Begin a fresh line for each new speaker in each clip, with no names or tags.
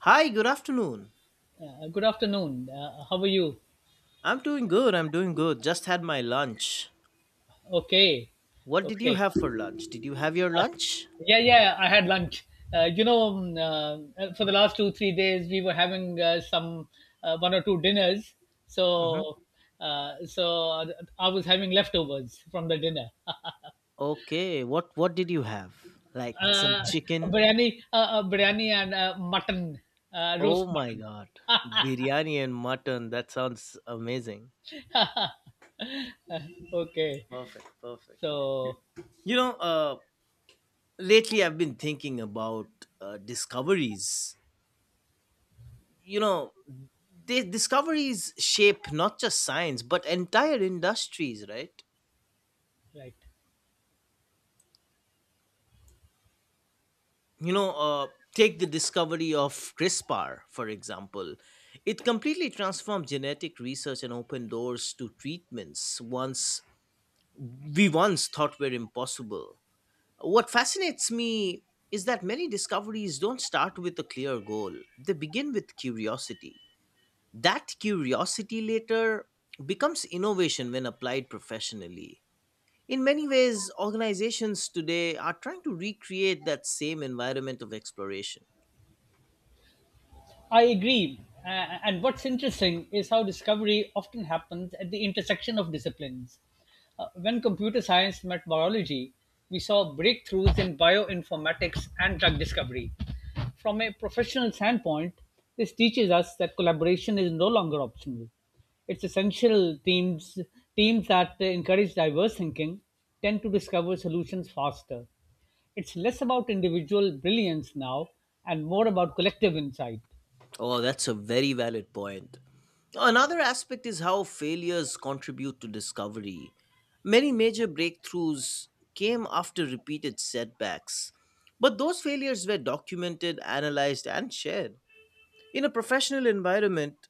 Hi, good afternoon.
Good afternoon. How are you?
I'm doing good. I'm doing good. Just had my lunch.
Okay.
What did you
Okay.
have for lunch? Did you have your lunch?
Yeah, yeah, I had lunch. Uh, you know, um, uh, for the last 2, 3 days, we were having some one or two dinners.
Mm-hmm.
So, so, I was having leftovers from the dinner.
Okay. What did you have? Like some
Uh, uh,
chicken?
biryani and mutton,
Oh
roast
my
mutton.
god, biryani and mutton. That sounds amazing.
Okay.
Perfect. Perfect.
So,
You know, uh, Lately I've been thinking about discoveries. You know, discoveries shape not just science but entire industries, right?
right.
you know uh, Take the discovery of CRISPR, for example. It completely transformed genetic research and opened doors to treatments once we once thought were impossible. What fascinates me is that many discoveries don't start with a clear goal. They begin with curiosity. That curiosity later becomes innovation when applied professionally. In many ways, organizations today are trying to recreate that same environment of exploration.
I agree. And what's interesting is how discovery often happens at the intersection of disciplines. When computer science met biology, we saw breakthroughs in bioinformatics and drug discovery. From a professional standpoint, this teaches us that collaboration is no longer optional. It's essential. Teams that encourage diverse thinking tend to discover solutions faster. It's less about individual brilliance now and more about collective insight.
Oh, that's a very valid point. Another aspect is how failures contribute to discovery. Many major breakthroughs came after repeated setbacks, but those failures were documented, analyzed, and shared. In a professional environment,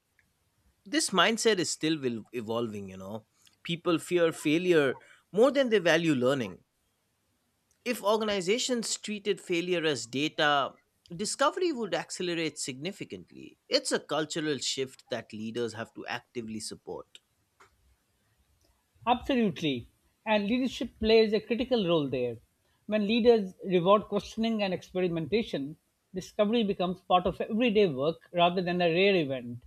this mindset is evolving, People fear failure more than they value learning. If organizations treated failure as data, discovery would accelerate significantly. It's a cultural shift that leaders have to actively support.
Absolutely. And leadership plays a critical role there. When leaders reward questioning and experimentation, discovery becomes part of everyday work rather than a rare event.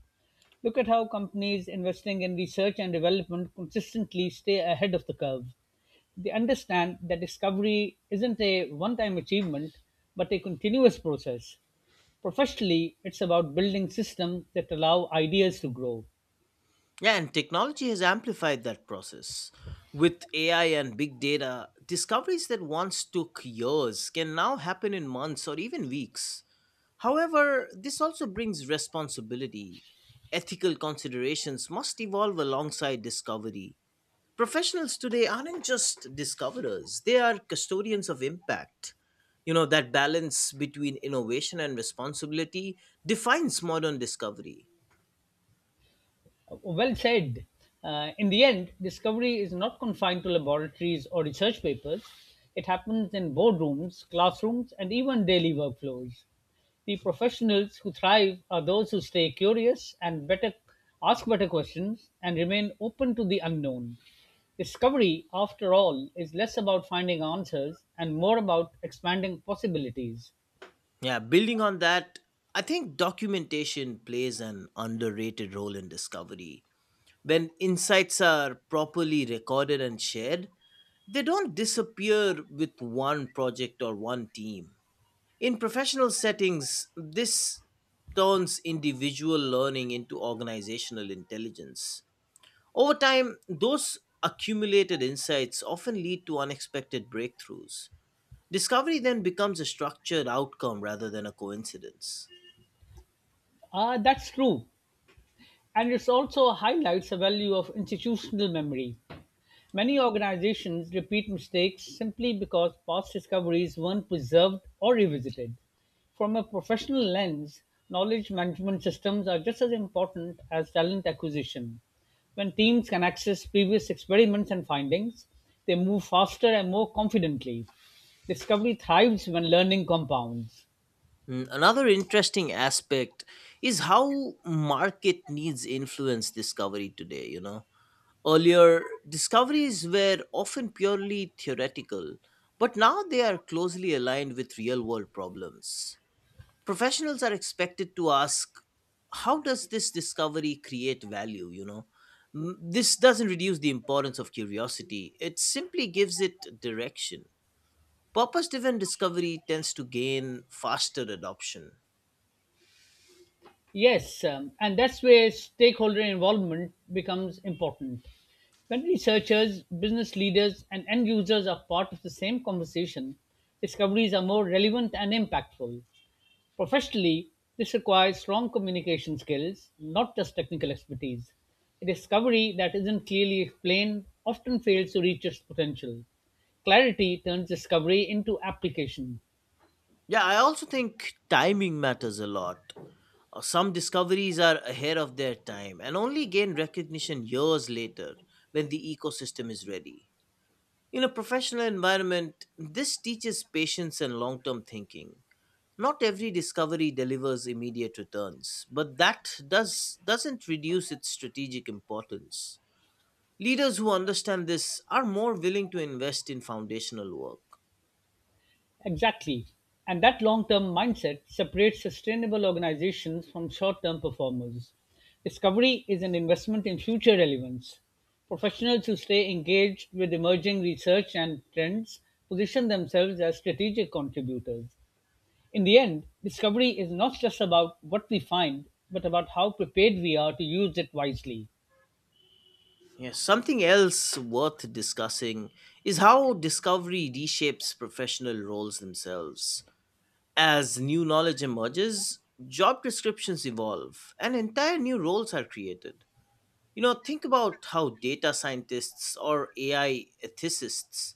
Look at how companies investing in research and development consistently stay ahead of the curve. They understand that discovery isn't a one time achievement, but a continuous process. Professionally, it's about building systems that allow ideas to grow.
Yeah, and technology has amplified that process. With AI and big data, discoveries that once took years can now happen in months or even weeks. However, this also brings responsibility. Ethical considerations must evolve alongside discovery. Professionals today aren't just discoverers, they are custodians of impact. You know, that balance between innovation and responsibility defines modern discovery.
Well said. In the end, discovery is not confined to laboratories or research papers. It happens in boardrooms, classrooms, and even daily workflows. The professionals who thrive are those who stay curious and better ask better questions and remain open to the unknown. Discovery, after all, is less about finding answers and more about expanding possibilities.
Yeah, building on that, I think documentation plays an underrated role in discovery. When insights are properly recorded and shared, they don't disappear with one project or one team. In professional settings, this turns individual learning into organizational intelligence. Over time, those accumulated insights often lead to unexpected breakthroughs. Discovery then becomes a structured outcome rather than a coincidence.
Ah, that's true. And it also highlights the value of institutional memory. Many organizations repeat mistakes simply because past discoveries weren't preserved or revisited. From a professional lens, knowledge management systems are just as important as talent acquisition. When teams can access previous experiments and findings, they move faster and more confidently. Discovery thrives when learning compounds.
Mm, another interesting aspect is how market needs influence discovery today, Earlier, discoveries were often purely theoretical, but now they are closely aligned with real world problems. Professionals are expected to ask, how does this discovery create value? This doesn't reduce the importance of curiosity, it simply gives it direction. Purpose driven discovery tends to gain faster adoption.
Yes, and that's where stakeholder involvement becomes important. When researchers, business leaders, and end users are part of the same conversation, discoveries are more relevant and impactful. Professionally, this requires strong communication skills, not just technical expertise. A discovery that isn't clearly explained often fails to reach its potential. Clarity turns discovery into application.
Yeah, I also think timing matters a lot. Some discoveries are ahead of their time and only gain recognition years later when the ecosystem is ready. In a professional environment, this teaches patience and long term thinking. Not every discovery delivers immediate returns, but doesn't reduce its strategic importance. Leaders who understand this are more willing to invest in foundational work.
Exactly, and that long-term mindset separates sustainable organizations from short-term performers. Discovery is an investment in future relevance. Professionals who stay engaged with emerging research and trends position themselves as strategic contributors. In the end, discovery is not just about what we find, but about how prepared we are to use it wisely.
Yeah, something else worth discussing is how discovery reshapes professional roles themselves. As new knowledge emerges, job descriptions evolve and entire new roles are created. You know, think about how data scientists or AI ethicists,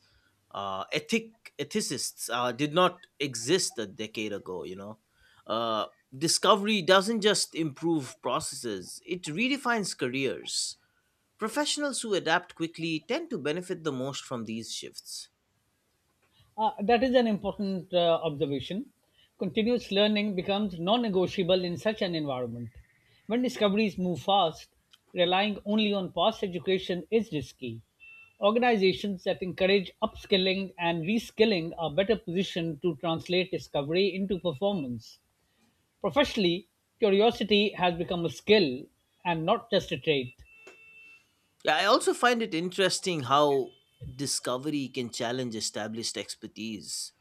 ethicists, did not exist a decade ago. Uh, Discovery doesn't just improve processes; it redefines careers. Professionals who adapt quickly tend to benefit the most from these shifts.
That is an important observation. Continuous learning becomes non negotiable in such an environment. When discoveries move fast, relying only on past education is risky. Organizations that encourage upskilling and reskilling are better positioned to translate discovery into performance. Professionally, curiosity has become a skill and not just a trait.
Yeah, I also find it interesting how discovery can challenge established expertise.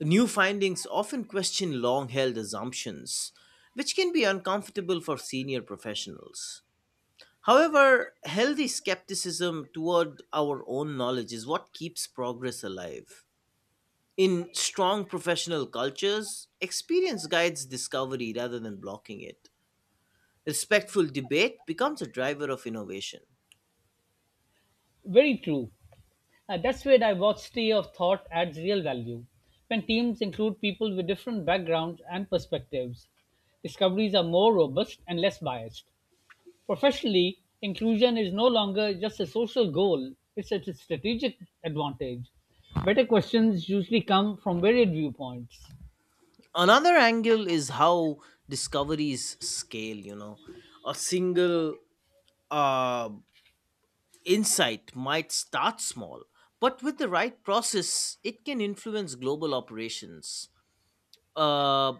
New findings often question long held assumptions, which can be uncomfortable for senior professionals. However, healthy skepticism toward our own knowledge is what keeps progress alive. In strong professional cultures, experience guides discovery rather than blocking it. Respectful debate becomes a driver of innovation.
Very true. And that's where diversity of thought adds real value. When teams include people with different backgrounds and perspectives, discoveries are more robust and less biased. Professionally, inclusion is no longer just a social goal, it's a strategic advantage. Better questions usually come from varied viewpoints,
Another angle is how discoveries scale, A single uh, insight might start small, but with the right process, it can influence global operations. Uh,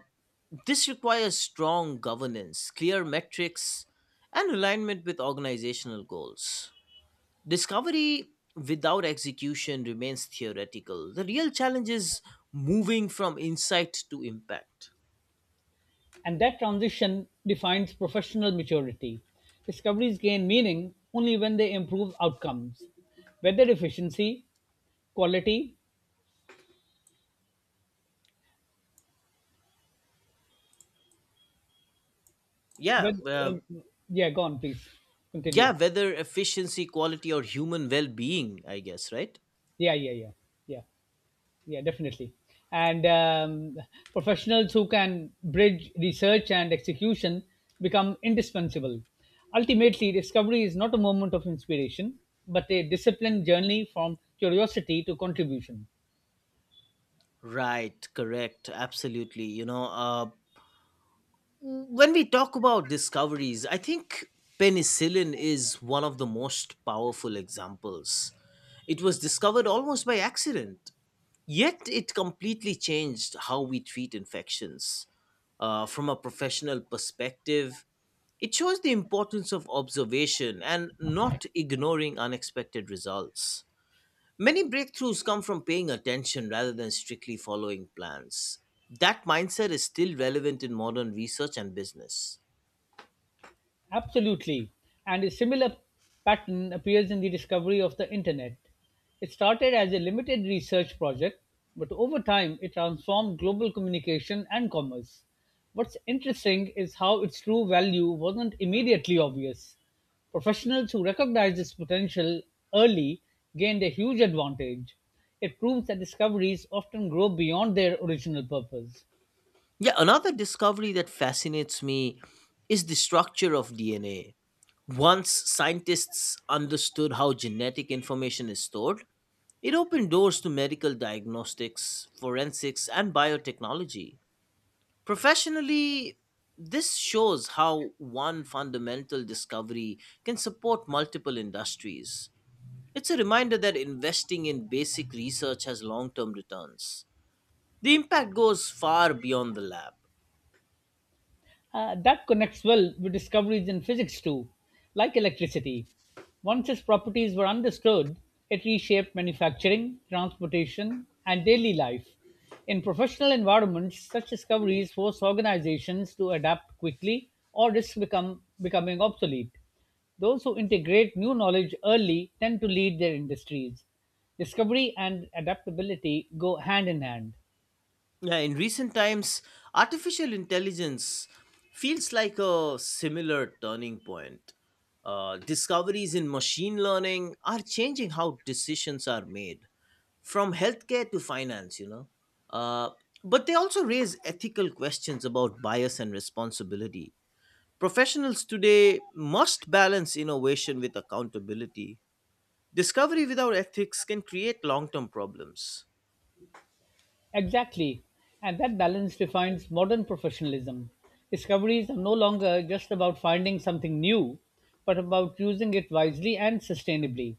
this requires strong governance, clear metrics, and alignment with organizational goals. Discovery without execution remains theoretical. The real challenge is moving from insight to impact.
and that transition defines professional maturity. Discoveries gain meaning only when they improve outcomes, whether efficiency, quality.
Yeah,
Well,
uh,
um, yeah, go on, please.
yeah,
Continue.
whether efficiency, quality, or human well being, I guess, right?
Yeah, yeah, yeah, yeah, yeah, definitely. And professionals who can bridge research and execution become indispensable. Ultimately, discovery is not a moment of inspiration, but a disciplined journey from curiosity to contribution.
Right, correct, absolutely. When we talk about discoveries, I think penicillin is one of the most powerful examples. It was discovered almost by accident, yet it completely changed how we treat infections, from a professional perspective. It shows the importance of observation and not ignoring unexpected results. Many breakthroughs come from paying attention rather than strictly following plans. That mindset is still relevant in modern research and business.
Absolutely. And a similar pattern appears in the discovery of the internet. It started as a limited research project, but over time it transformed global communication and commerce. What's interesting is how its true value wasn't immediately obvious. Professionals who recognized its potential early gained a huge advantage. It proves that discoveries often grow beyond their original purpose.
Yeah, another discovery that fascinates me is the structure of DNA. Once scientists understood how genetic information is stored, it opened doors to medical diagnostics, forensics, and biotechnology. Professionally, this shows how one fundamental discovery can support multiple industries. It's a reminder that investing in basic research has long term returns. The impact goes far beyond the lab.
That connects well with discoveries in physics too, like electricity. Once its properties were understood, it reshaped manufacturing, transportation, and daily life. In professional environments, such discoveries force organizations to adapt quickly or risk becoming obsolete. Those who integrate new knowledge early tend to lead their industries. Discovery and adaptability go hand in hand.
Yeah, in recent times, artificial intelligence feels like a similar turning point. Discoveries in machine learning are changing how decisions are made, from healthcare to finance, Uh, but they also raise ethical questions about bias and responsibility. Professionals today must balance innovation with accountability. Discovery without ethics can create long term problems.
Exactly, and that balance defines modern professionalism. Discoveries are no longer just about finding something new, but about using it wisely and sustainably.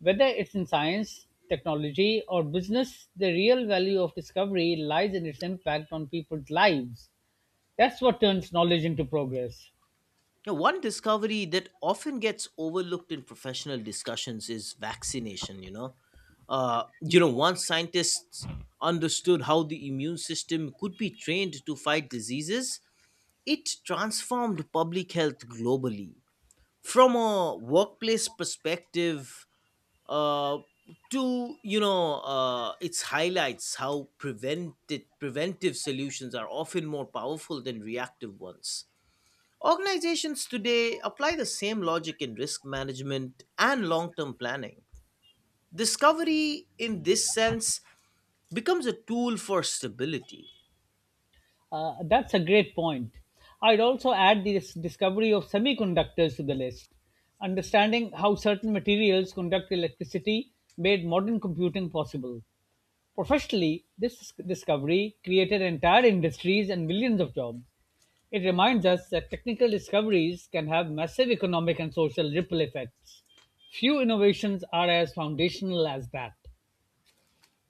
Whether it's in science, technology, or business, the real value of discovery lies in its impact on people's lives. That's what turns knowledge into progress.
Now, one discovery that often gets overlooked in professional discussions is vaccination. Once scientists understood how the immune system could be trained to fight diseases, it transformed public health globally. From a workplace perspective, uh, its highlights how prevented preventive solutions are often more powerful than reactive ones. Organizations today apply the same logic in risk management and long term planning. Discovery, in this sense, becomes a tool for stability.
That's a great point. I'd also add the discovery of semiconductors to the list. Understanding how certain materials conduct electricity made modern computing possible. Professionally, this discovery created entire industries and millions of jobs. It reminds us that technical discoveries can have massive economic and social ripple effects. Few innovations are as foundational as that.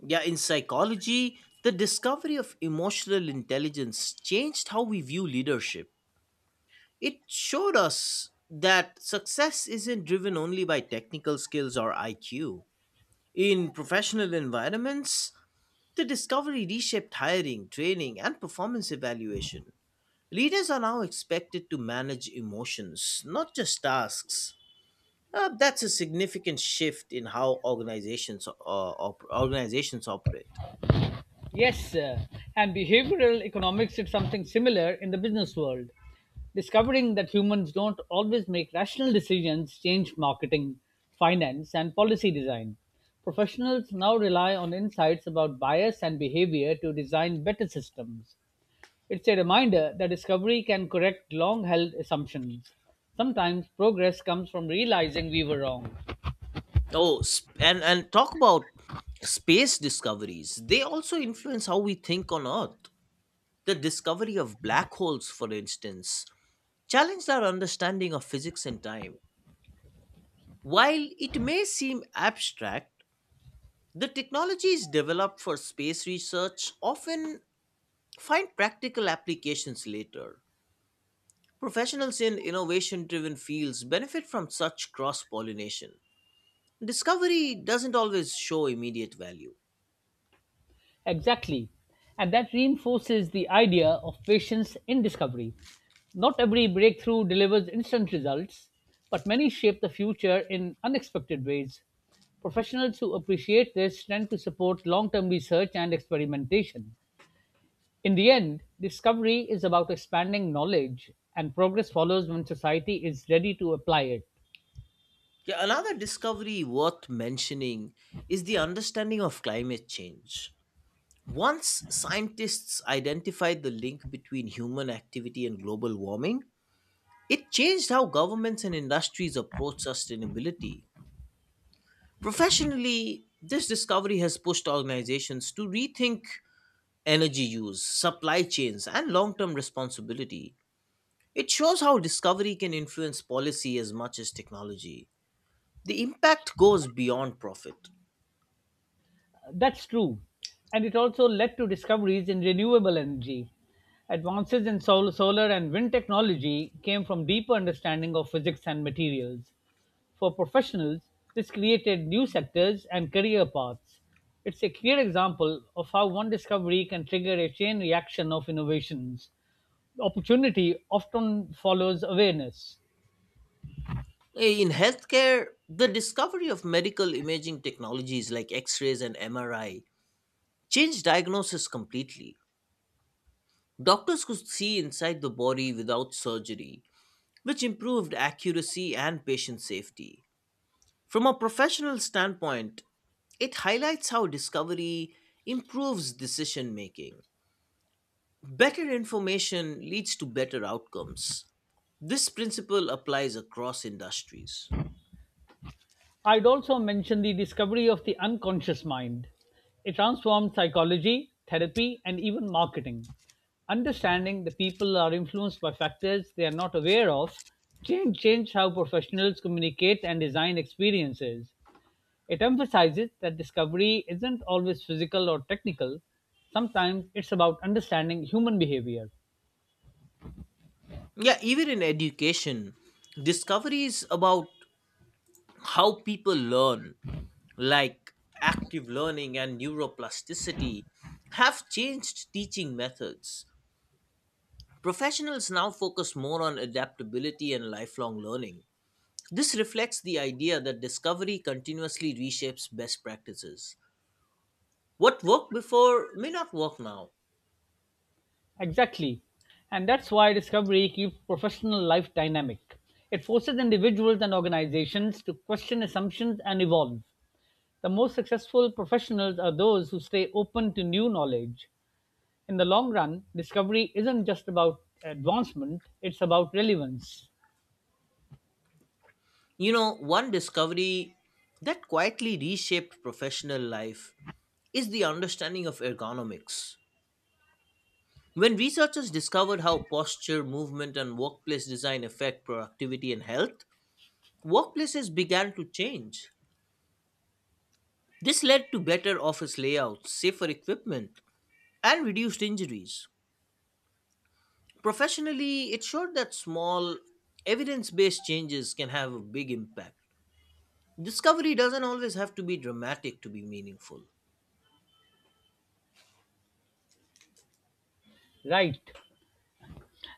Yeah, in psychology, the discovery of emotional intelligence changed how we view leadership. It showed us that success isn't driven only by technical skills or IQ. In professional environments, the discovery reshaped hiring, training, and performance evaluation. Leaders are now expected to manage emotions, not just tasks. That's a significant shift in how organizations operate.
Yes, sir. And behavioral economics did something similar in the business world. Discovering that humans don't always make rational decisions changed marketing, finance, and policy design. Professionals now rely on insights about bias and behavior to design better systems. It's a reminder that discovery can correct long held assumptions. Sometimes progress comes from realizing we were wrong.
And and talk about space discoveries. They also influence how we think on Earth. The discovery of black holes, for instance, challenged our understanding of physics and time. While it may seem abstract, the technologies developed for space research often find practical applications later. Professionals in innovation driven fields benefit from such cross pollination. Discovery doesn't always show immediate value.
Exactly. And that reinforces the idea of patience in discovery. Not every breakthrough delivers instant results, but many shape the future in unexpected ways. Professionals who appreciate this tend to support long term research and experimentation. In the end, discovery is about expanding knowledge, and progress follows when society is ready to apply it.
Yeah, another discovery worth mentioning is the understanding of climate change. Once scientists identified the link between human activity and global warming, it changed how governments and industries approach sustainability. Professionally, this discovery has pushed organizations to rethink energy use, supply chains, and long term responsibility. It shows how discovery can influence policy as much as technology. The impact goes beyond profit.
That's true. And it also led to discoveries in renewable energy. Advances in solar and wind technology came from deeper understanding of physics and materials. For professionals, this created new sectors and career paths. It's a clear example of how one discovery can trigger a chain reaction of innovations. Opportunity often follows awareness.
In healthcare, the discovery of medical imaging technologies like X rays and MRI changed diagnosis completely. Doctors could see inside the body without surgery, which improved accuracy and patient safety. From a professional standpoint, it highlights how discovery improves decision making. Better information leads to better outcomes. This principle applies across industries.
I'd also mention the discovery of the unconscious mind. It transformed psychology, therapy, and even marketing. Understanding that people are influenced by factors they are not aware of changed how professionals communicate and design experiences. It emphasizes that discovery isn't always physical or technical. Sometimes it's about understanding human behavior.
Yeah, even in education, discovery is about how people learn, like active learning and neuroplasticity, have changed teaching methods. Professionals now focus more on adaptability and lifelong learning. This reflects the idea that discovery continuously reshapes best practices. What worked before may not work now.
Exactly. And that's why discovery keeps professional life dynamic. It forces individuals and organizations to question assumptions and evolve. The most successful professionals are those who stay open to new knowledge. In the long run, discovery isn't just about advancement, it's about relevance.
You know, one discovery that quietly reshaped professional life is the understanding of ergonomics. When researchers discovered how posture, movement, and workplace design affect productivity and health, workplaces began to change. This led to better office layouts, safer equipment, and reduced injuries. Professionally, it showed that small, evidence based changes can have a big impact. Discovery doesn't always have to be dramatic to be meaningful.
Right.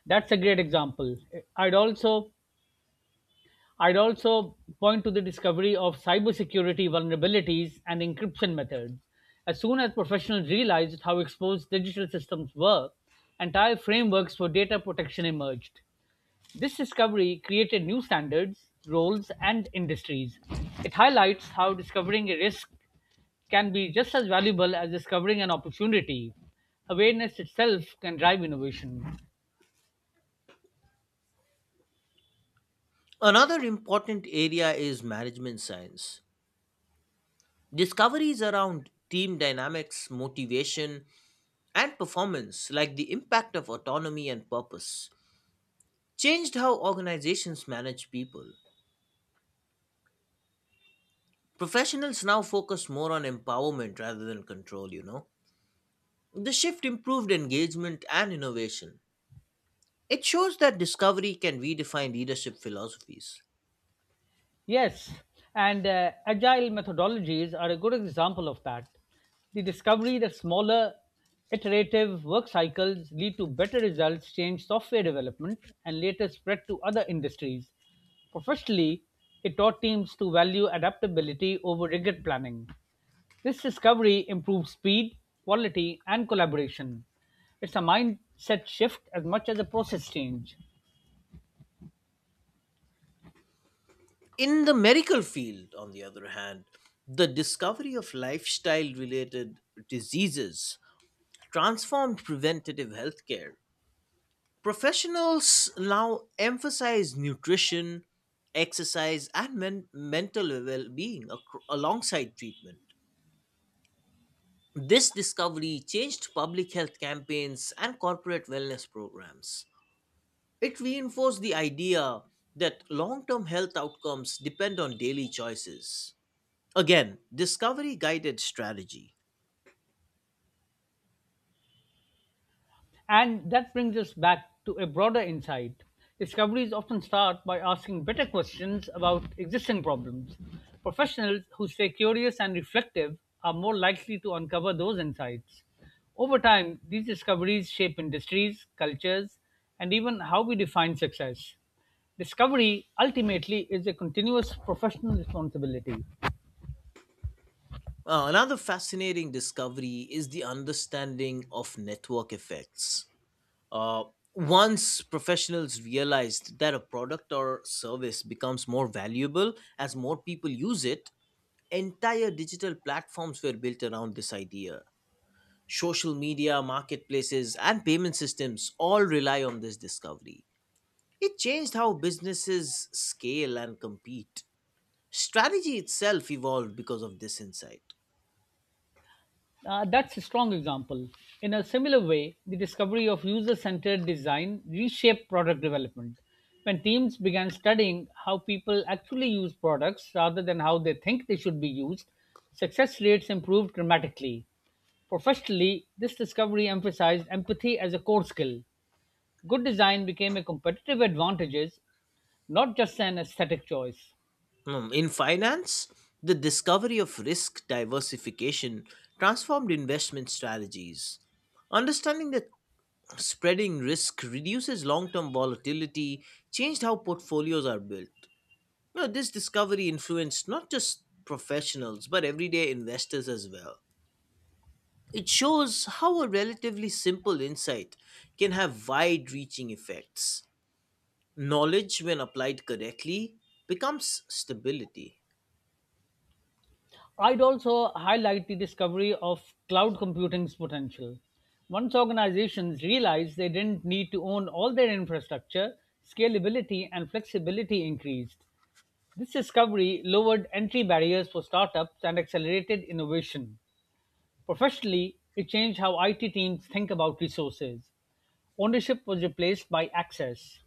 That's a great example. I'd also I'd also point to the discovery of cybersecurity vulnerabilities and encryption methods. As soon as professionals realized how exposed digital systems were, entire frameworks for data protection emerged. This discovery created new standards, roles, and industries. It highlights how discovering a risk can be just as valuable as discovering an opportunity. Awareness itself can drive innovation.
Another important area is management science. Discoveries around team dynamics, motivation, and performance, like the impact of autonomy and purpose, changed how organizations manage people. Professionals now focus more on empowerment rather than control, The shift improved engagement and innovation. It shows that discovery can redefine leadership philosophies.
Yes, and agile methodologies are a good example of that. The discovery that smaller, iterative work cycles lead to better results changed software development and later spread to other industries. Professionally, it taught teams to value adaptability over rigid planning. This discovery improved speed, quality, and collaboration. It's a mindset shift as much as a process change.
In the medical field, on the other hand, the discovery of lifestyle related diseases transformed preventative healthcare. Professionals now emphasize nutrition, exercise, and mental well being alongside treatment. This discovery changed public health campaigns and corporate wellness programs. It reinforced the idea that long term health outcomes depend on daily choices. Again, discovery guided strategy.
And that brings us back to a broader insight. Discoveries often start by asking better questions about existing problems. Professionals who stay curious and reflective are more likely to uncover those insights. Over time, these discoveries shape industries, cultures, and even how we define success. Discovery ultimately is a continuous professional responsibility.
Another fascinating discovery is the understanding of network effects. Uh, Once professionals realized that a product or service becomes more valuable as more people use it, entire digital platforms were built around this idea. Social media, marketplaces, and payment systems all rely on this discovery. It changed how businesses scale and compete. Strategy itself evolved because of this insight.
That's a strong example. In a similar way, the discovery of user centered design reshaped product development. When teams began studying how people actually use products rather than how they think they should be used, success rates improved dramatically. Professionally, this discovery emphasized empathy as a core skill. Good design became a competitive advantage, not just an aesthetic choice.
Hmm, in finance, the discovery of risk diversification transformed investment strategies. Understanding that spreading risk reduces long term volatility changed how portfolios are built. You know, this discovery influenced not just professionals but everyday investors as well. It shows how a relatively simple insight can have wide reaching effects. Knowledge, when applied correctly, becomes stability.
I'd also highlight the discovery of cloud computing's potential. Once organizations realized they didn't need to own all their infrastructure, scalability and flexibility increased. This discovery lowered entry barriers for startups and accelerated innovation. Professionally, it changed how IT teams think about resources. Ownership was replaced by access.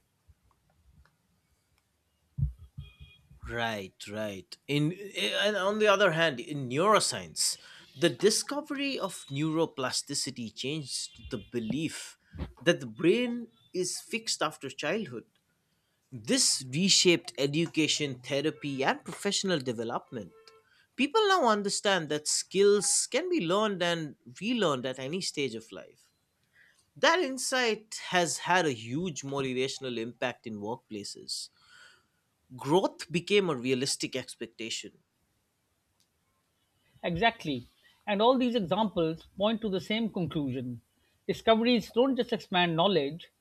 Right, right. In, and On the other hand, in neuroscience, the discovery of neuroplasticity changed the belief that the brain is fixed after childhood. This reshaped education, therapy, and professional development. People now understand that skills can be learned and relearned at any stage of life. That insight has had a huge motivational impact in workplaces. Growth became a realistic expectation.
Exactly. And all these examples point to the same conclusion. Discoveries don't just expand knowledge,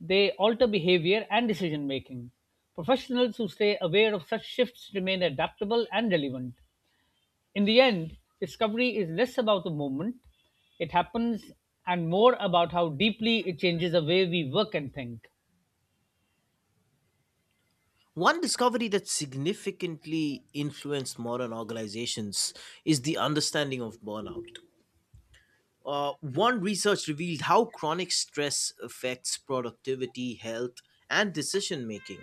they alter behavior and decision making. Professionals who stay aware of such shifts remain adaptable and relevant. In the end, discovery is less about the moment it happens and more about how deeply it changes the way we work and think.
One discovery that significantly influenced modern organizations is the understanding of burnout. One research revealed how chronic stress affects productivity, health, and decision making.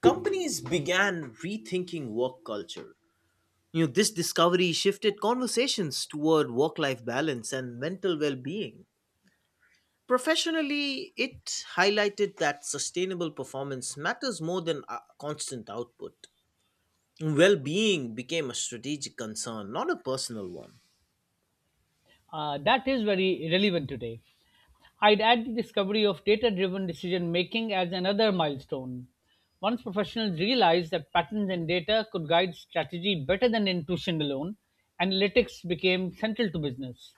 Companies began rethinking work culture. You know, this discovery shifted conversations toward work life balance and mental well being. Professionally, it highlighted that sustainable performance matters more than constant output. Well being became a strategic concern, not a personal one.
That is very relevant today. I'd add the discovery of data driven decision making as another milestone. Once professionals realized that patterns and data could guide strategy better than intuition alone, analytics became central to business.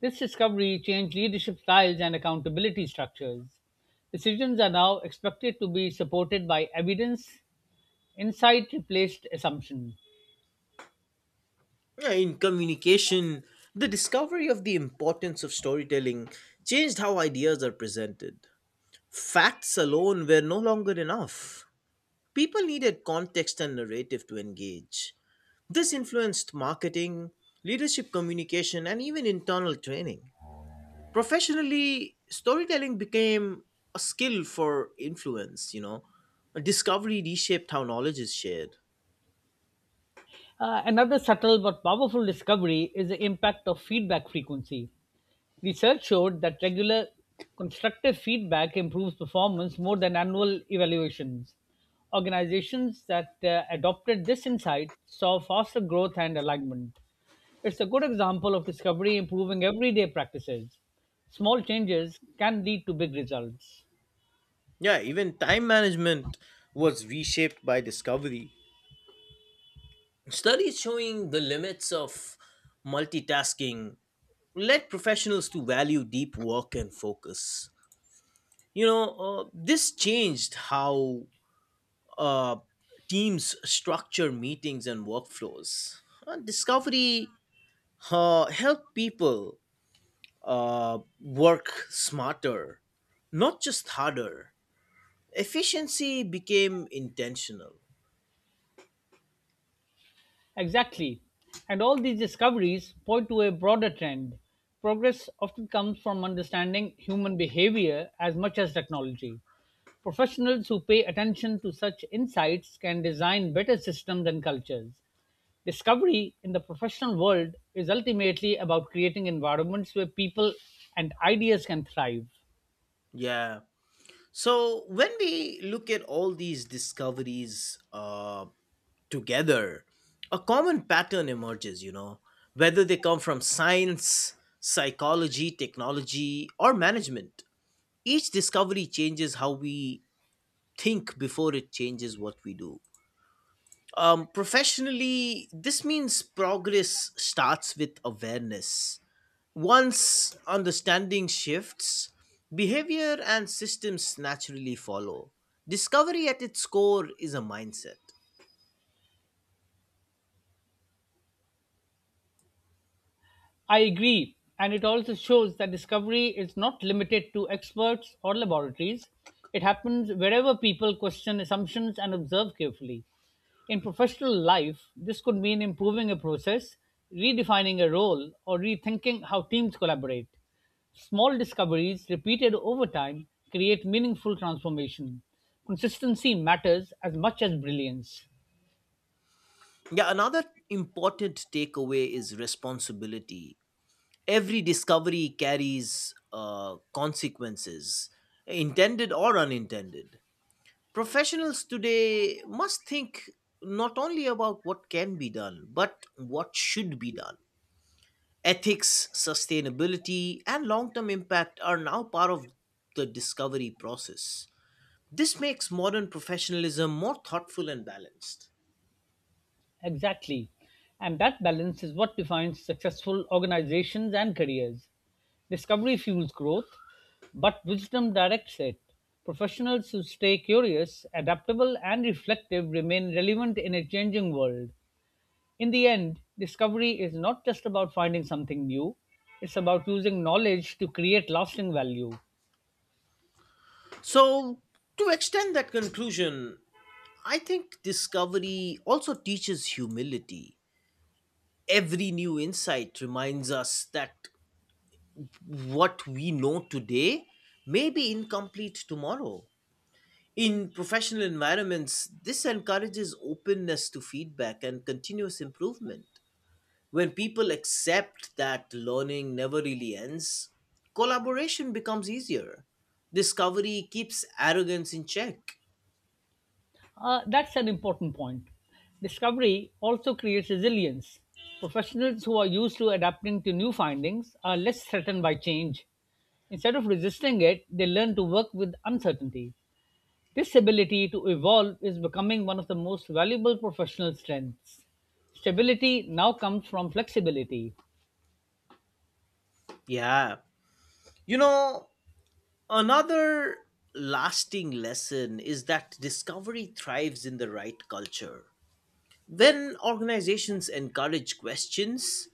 This discovery changed leadership styles and accountability structures. Decisions are now expected to be supported by evidence, insight replaced assumption.
Yeah, in communication, the discovery of the importance of storytelling changed how ideas are presented. Facts alone were no longer enough. People needed context and narrative to engage. This influenced marketing, leadership communication, and even internal training. Professionally, storytelling became a skill for influence. A discovery reshaped how knowledge is shared.
Another subtle but powerful discovery is the impact of feedback frequency. Research showed that regular constructive feedback improves performance more than annual evaluations. Organizations that adopted this insight saw faster growth and alignment. It's a good example of discovery improving everyday practices. Small changes can lead to big results.
Yeah, even time management was reshaped by discovery. Studies showing the limits of multitasking led professionals to value deep work and focus. This changed how uh, teams structure meetings and workflows. Discovery helped people work smarter, not just harder. Efficiency became intentional.
Exactly. And all these discoveries point to a broader trend. Progress often comes from understanding human behavior as much as technology. Professionals who pay attention to such insights can design better systems and cultures. Discovery in the professional world is ultimately about creating environments where people and ideas can thrive.
Yeah. So when we look at all these discoveries, together, a common pattern emerges, you know, whether they come from science, psychology, technology, or management. Each discovery changes how we think before it changes what we do. Professionally, this means progress starts with awareness. Once understanding shifts, behavior and systems naturally follow. Discovery at its core is a mindset.
I agree. And it also shows that discovery is not limited to experts or laboratories. It happens wherever people question assumptions and observe carefully. In professional life, this could mean improving a process, redefining a role, or rethinking how teams collaborate. Small discoveries repeated over time create meaningful transformation. Consistency matters as much as brilliance.
Yeah, another important takeaway is responsibility. Every discovery carries consequences, intended or unintended. Professionals today must think not only about what can be done, but what should be done. Ethics, sustainability, and long term impact are now part of the discovery process. This makes modern professionalism more thoughtful and balanced.
Exactly. And that balance is what defines successful organizations and careers. Discovery fuels growth, but wisdom directs it. Professionals who stay curious, adaptable, and reflective remain relevant in a changing world. In the end, discovery is not just about finding something new, it's about using knowledge to create lasting value.
So, to extend that conclusion, I think discovery also teaches humility. Every new insight reminds us that what we know today may be incomplete tomorrow. In professional environments, this encourages openness to feedback and continuous improvement. When people accept that learning never really ends, collaboration becomes easier. Discovery keeps arrogance in check.
That's an important point. Discovery also creates resilience. Professionals who are used to adapting to new findings are less threatened by change. Instead of resisting it, they learn to work with uncertainty. This ability to evolve is becoming one of the most valuable professional strengths. Stability now comes from flexibility.
Yeah. You know, another lasting lesson is that discovery thrives in the right culture. When organizations encourage questions,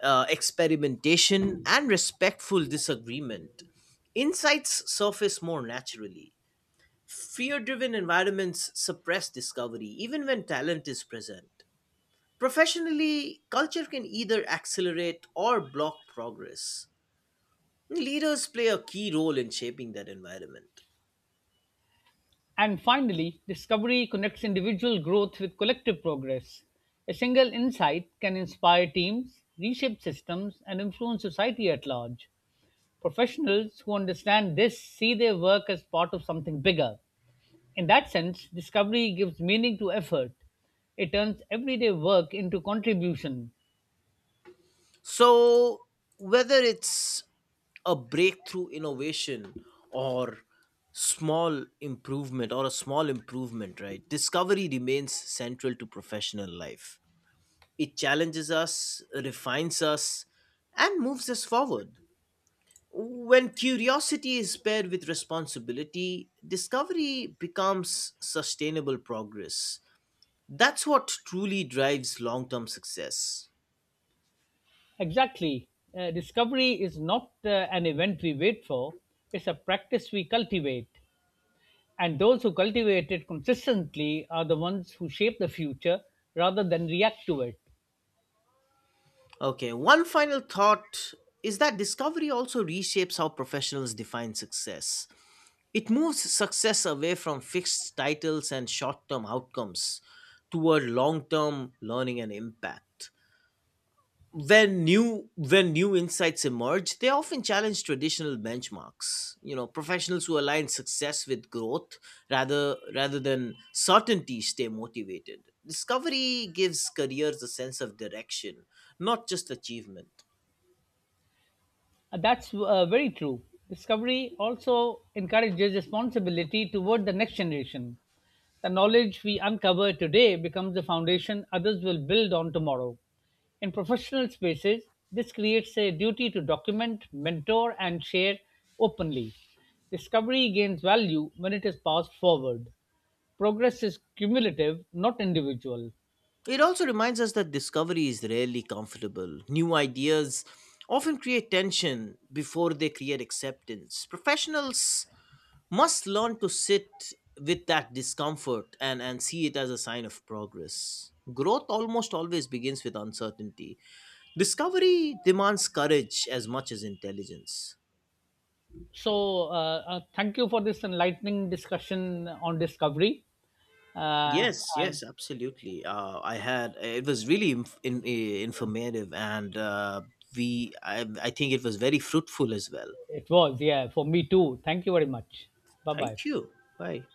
experimentation, and respectful disagreement, insights surface more naturally. Fear driven environments suppress discovery even when talent is present. Professionally, culture can either accelerate or block progress. Leaders play a key role in shaping that environment.
And finally, discovery connects individual growth with collective progress. A single insight can inspire teams, reshape systems, and influence society at large. Professionals who understand this see their work as part of something bigger. In that sense, discovery gives meaning to effort. It turns everyday work into contribution.
So, whether it's a breakthrough innovation or small improvement or a small improvement, right? Discovery remains central to professional life. It challenges us, refines us, and moves us forward. When curiosity is paired with responsibility, discovery becomes sustainable progress. That's what truly drives long term success.
Exactly. Discovery is not an event we wait for, it's a practice we cultivate. And those who cultivate it consistently are the ones who shape the future rather than react to it.
Okay, one final thought is that discovery also reshapes how professionals define success. It moves success away from fixed titles and short term outcomes toward long term learning and impact. When new insights emerge, they often challenge traditional benchmarks. You know, professionals who align success with growth rather than certainty stay motivated. Discovery gives careers a sense of direction, not just achievement.
That's very true. Discovery also encourages responsibility toward the next generation. The knowledge we uncover today becomes the foundation others will build on tomorrow. In professional spaces, this creates a duty to document, mentor, and share openly. Discovery gains value when it is passed forward. Progress is cumulative, not individual.
It also reminds us that discovery is rarely comfortable. New ideas often create tension before they create acceptance. Professionals must learn to sit with that discomfort and see it as a sign of progress. Growth almost always begins with uncertainty. Discovery demands courage as much as intelligence.
So, thank you for this enlightening discussion on discovery. Uh,
Yes,
and
yes, absolutely. I had It was really informative, and we I think it was very fruitful as well.
it was, yeah, for me too. Thank you very much. Bye bye.
Thank you. Bye.